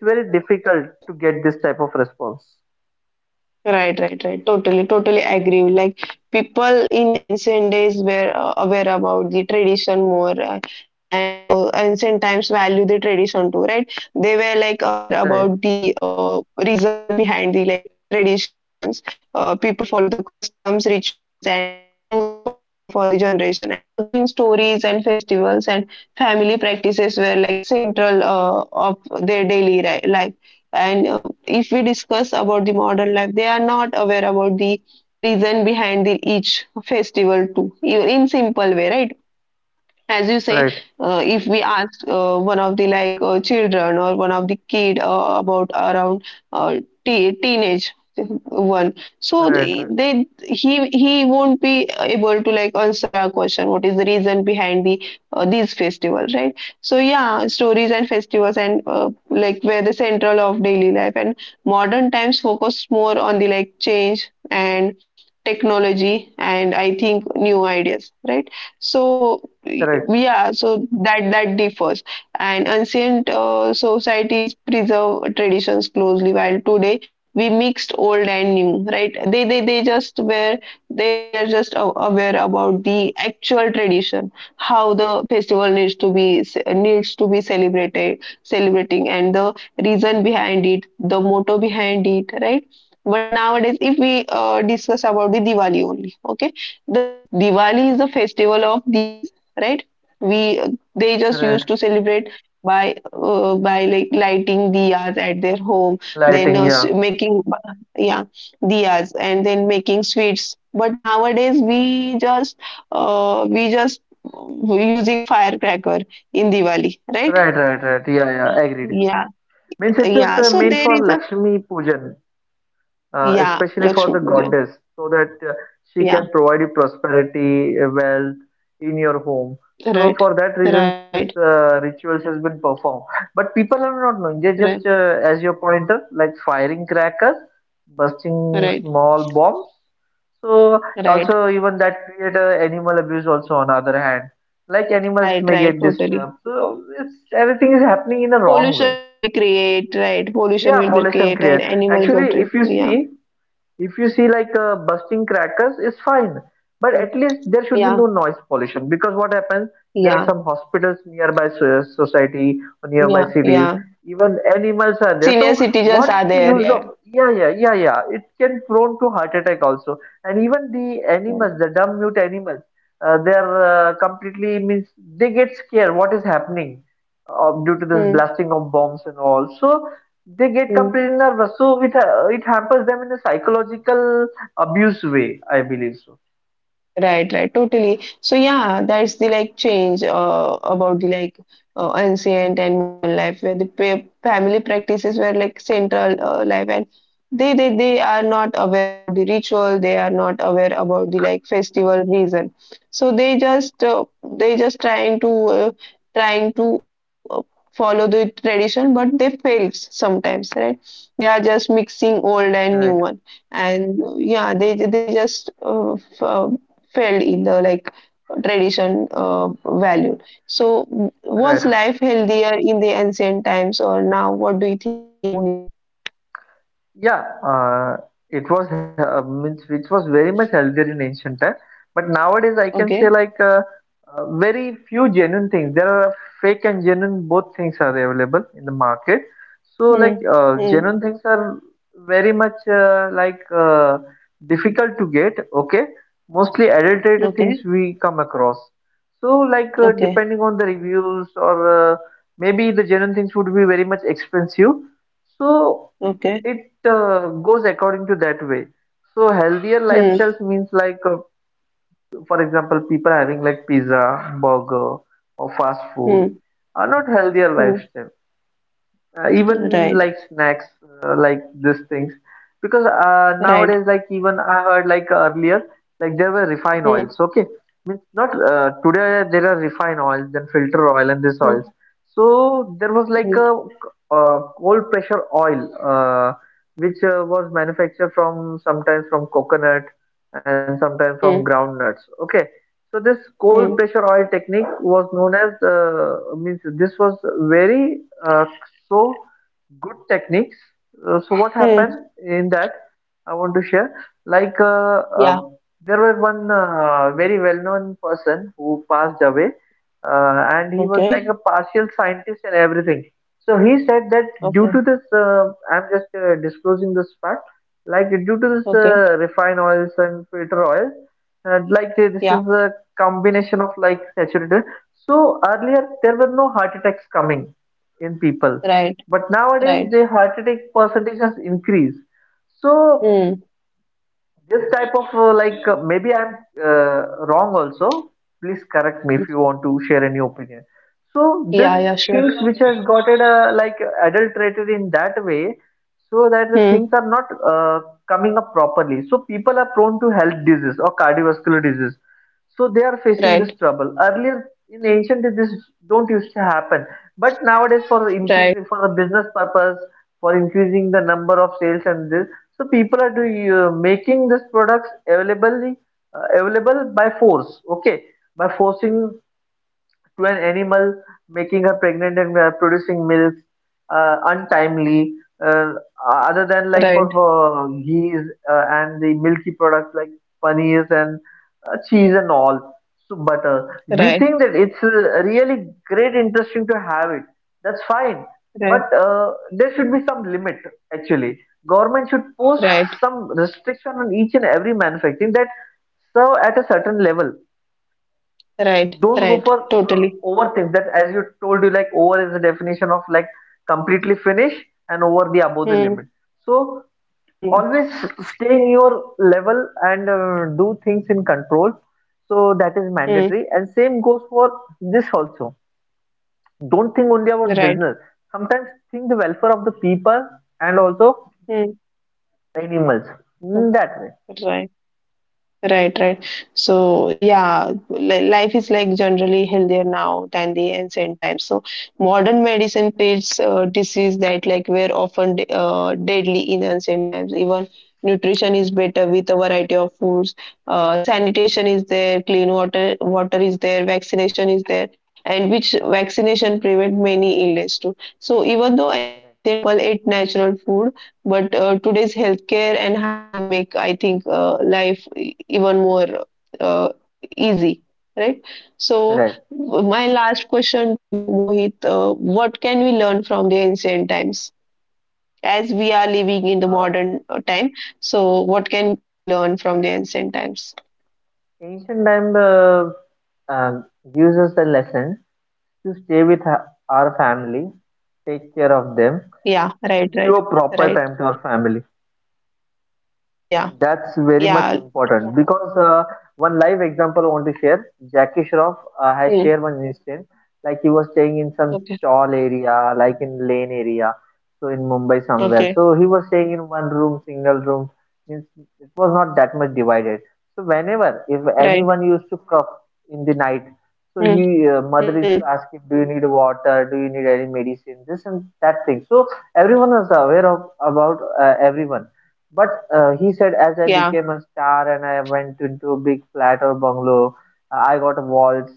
Speaker 1: right, right, right. Totally, totally agree. Like, people in ancient days were aware about the tradition more, and ancient times value the tradition too, right? They were like aware about the reason behind the like traditions. People follow the customs, rituals, and rules passed down for the generation. And again, stories and festivals and family practices were like central of their daily life. And if we discuss about the modern life, they are not aware about the reason behind the each festival too, in simple way, right? As you say, if we ask one of the like children or one of the kid, about, around, uh, teenage one, so they he won't be able to like answer our question, what is the reason behind the these festival, right? So yeah, stories and festivals and like were the central of daily life. And modern times focus more on the like change and technology and I think new ideas, right? So yeah, so that differs. And ancient societies preserve traditions closely while today we mixed old and new, right? They just were, they were just aware about the actual tradition, how the festival needs to be, celebrated, celebrating, and the reason behind it, the motto behind it, right? But nowadays if we discuss about the Diwali only, okay, the Diwali is the festival of diyas, right? We, they just used to celebrate by like lighting diyas at their home, then making, yeah, diyas and then making sweets. But nowadays we just using firecracker in Diwali, right? Yeah, yeah. So there is a, yeah, Lakshmi Pujan. Yeah, right, right, right, right, right, right, right. Totally. Pollution will be create, right, pollution will be create and animal go to, yeah. Mm. Yeah, yeah, yeah, yeah, senior citizens are there, yeah, yeah. Hmm. Hmm. Right, right, totally. So yeah, that's the like change about the like ancient and modern life where the pa family practices were like central life and they are not aware about the ritual, they are not aware about the like festival reason. So they just trying to follow the tradition, but they fails sometimes, right? They are just mixing old and new one, and yeah, they just failed in the like tradition value. So was life healthier in the ancient times or now? What do you think, Mohit? Okay. Hmm. Hmm. Okay. Okay. Okay. Hmm. Hmm. Hmm. Right. Right. Hmm. Hmm. Hmm. Hmm. Hmm. Hmm. Yeah. Okay. Okay. Okay. Yeah. Right. Right. Hmm. Hmm. Yeah. Yeah. Sure. Hmm. Right. Right. Right. Right. Right. Right. Right, right. Totally. Hmm, hmm, hmm. Right, hmm. Oh. Right. Right, right. So yeah, life is like generally healthier now than the ancient times. So modern medicine treats disease that like were often deadly in ancient times. Even nutrition is better with a variety of foods. Sanitation is there, clean water is there, vaccination is there, and which vaccination prevent many illness too. So even though ancient people ate natural food, but today's healthcare and hygiene make, I think, life even more uh, easy, right? So, my last question to you, Mohit, what can we learn from the ancient times? As we are living in the modern time, so what can we learn from the ancient times? Hmm. Yeah, right, right, right. Yeah, yeah. Hmm. Okay, okay, right. Hmm. Hmm. Yeah. Hmm.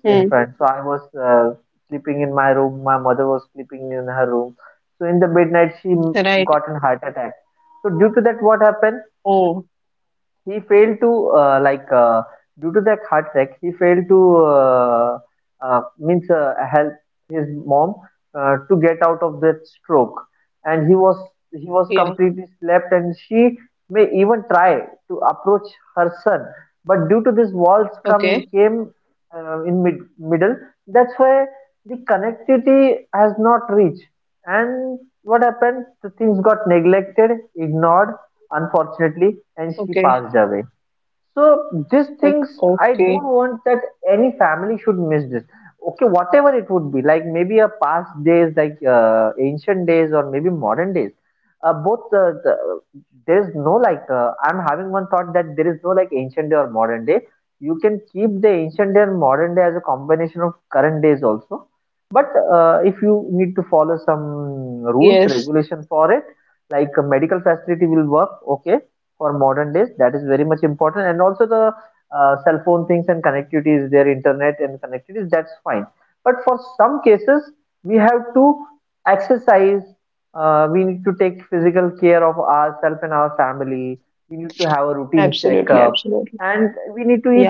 Speaker 1: Right. Oh, yeah. Okay. Okay. Uh. Okay. Yes. Absolutely. Absolutely. Yeah.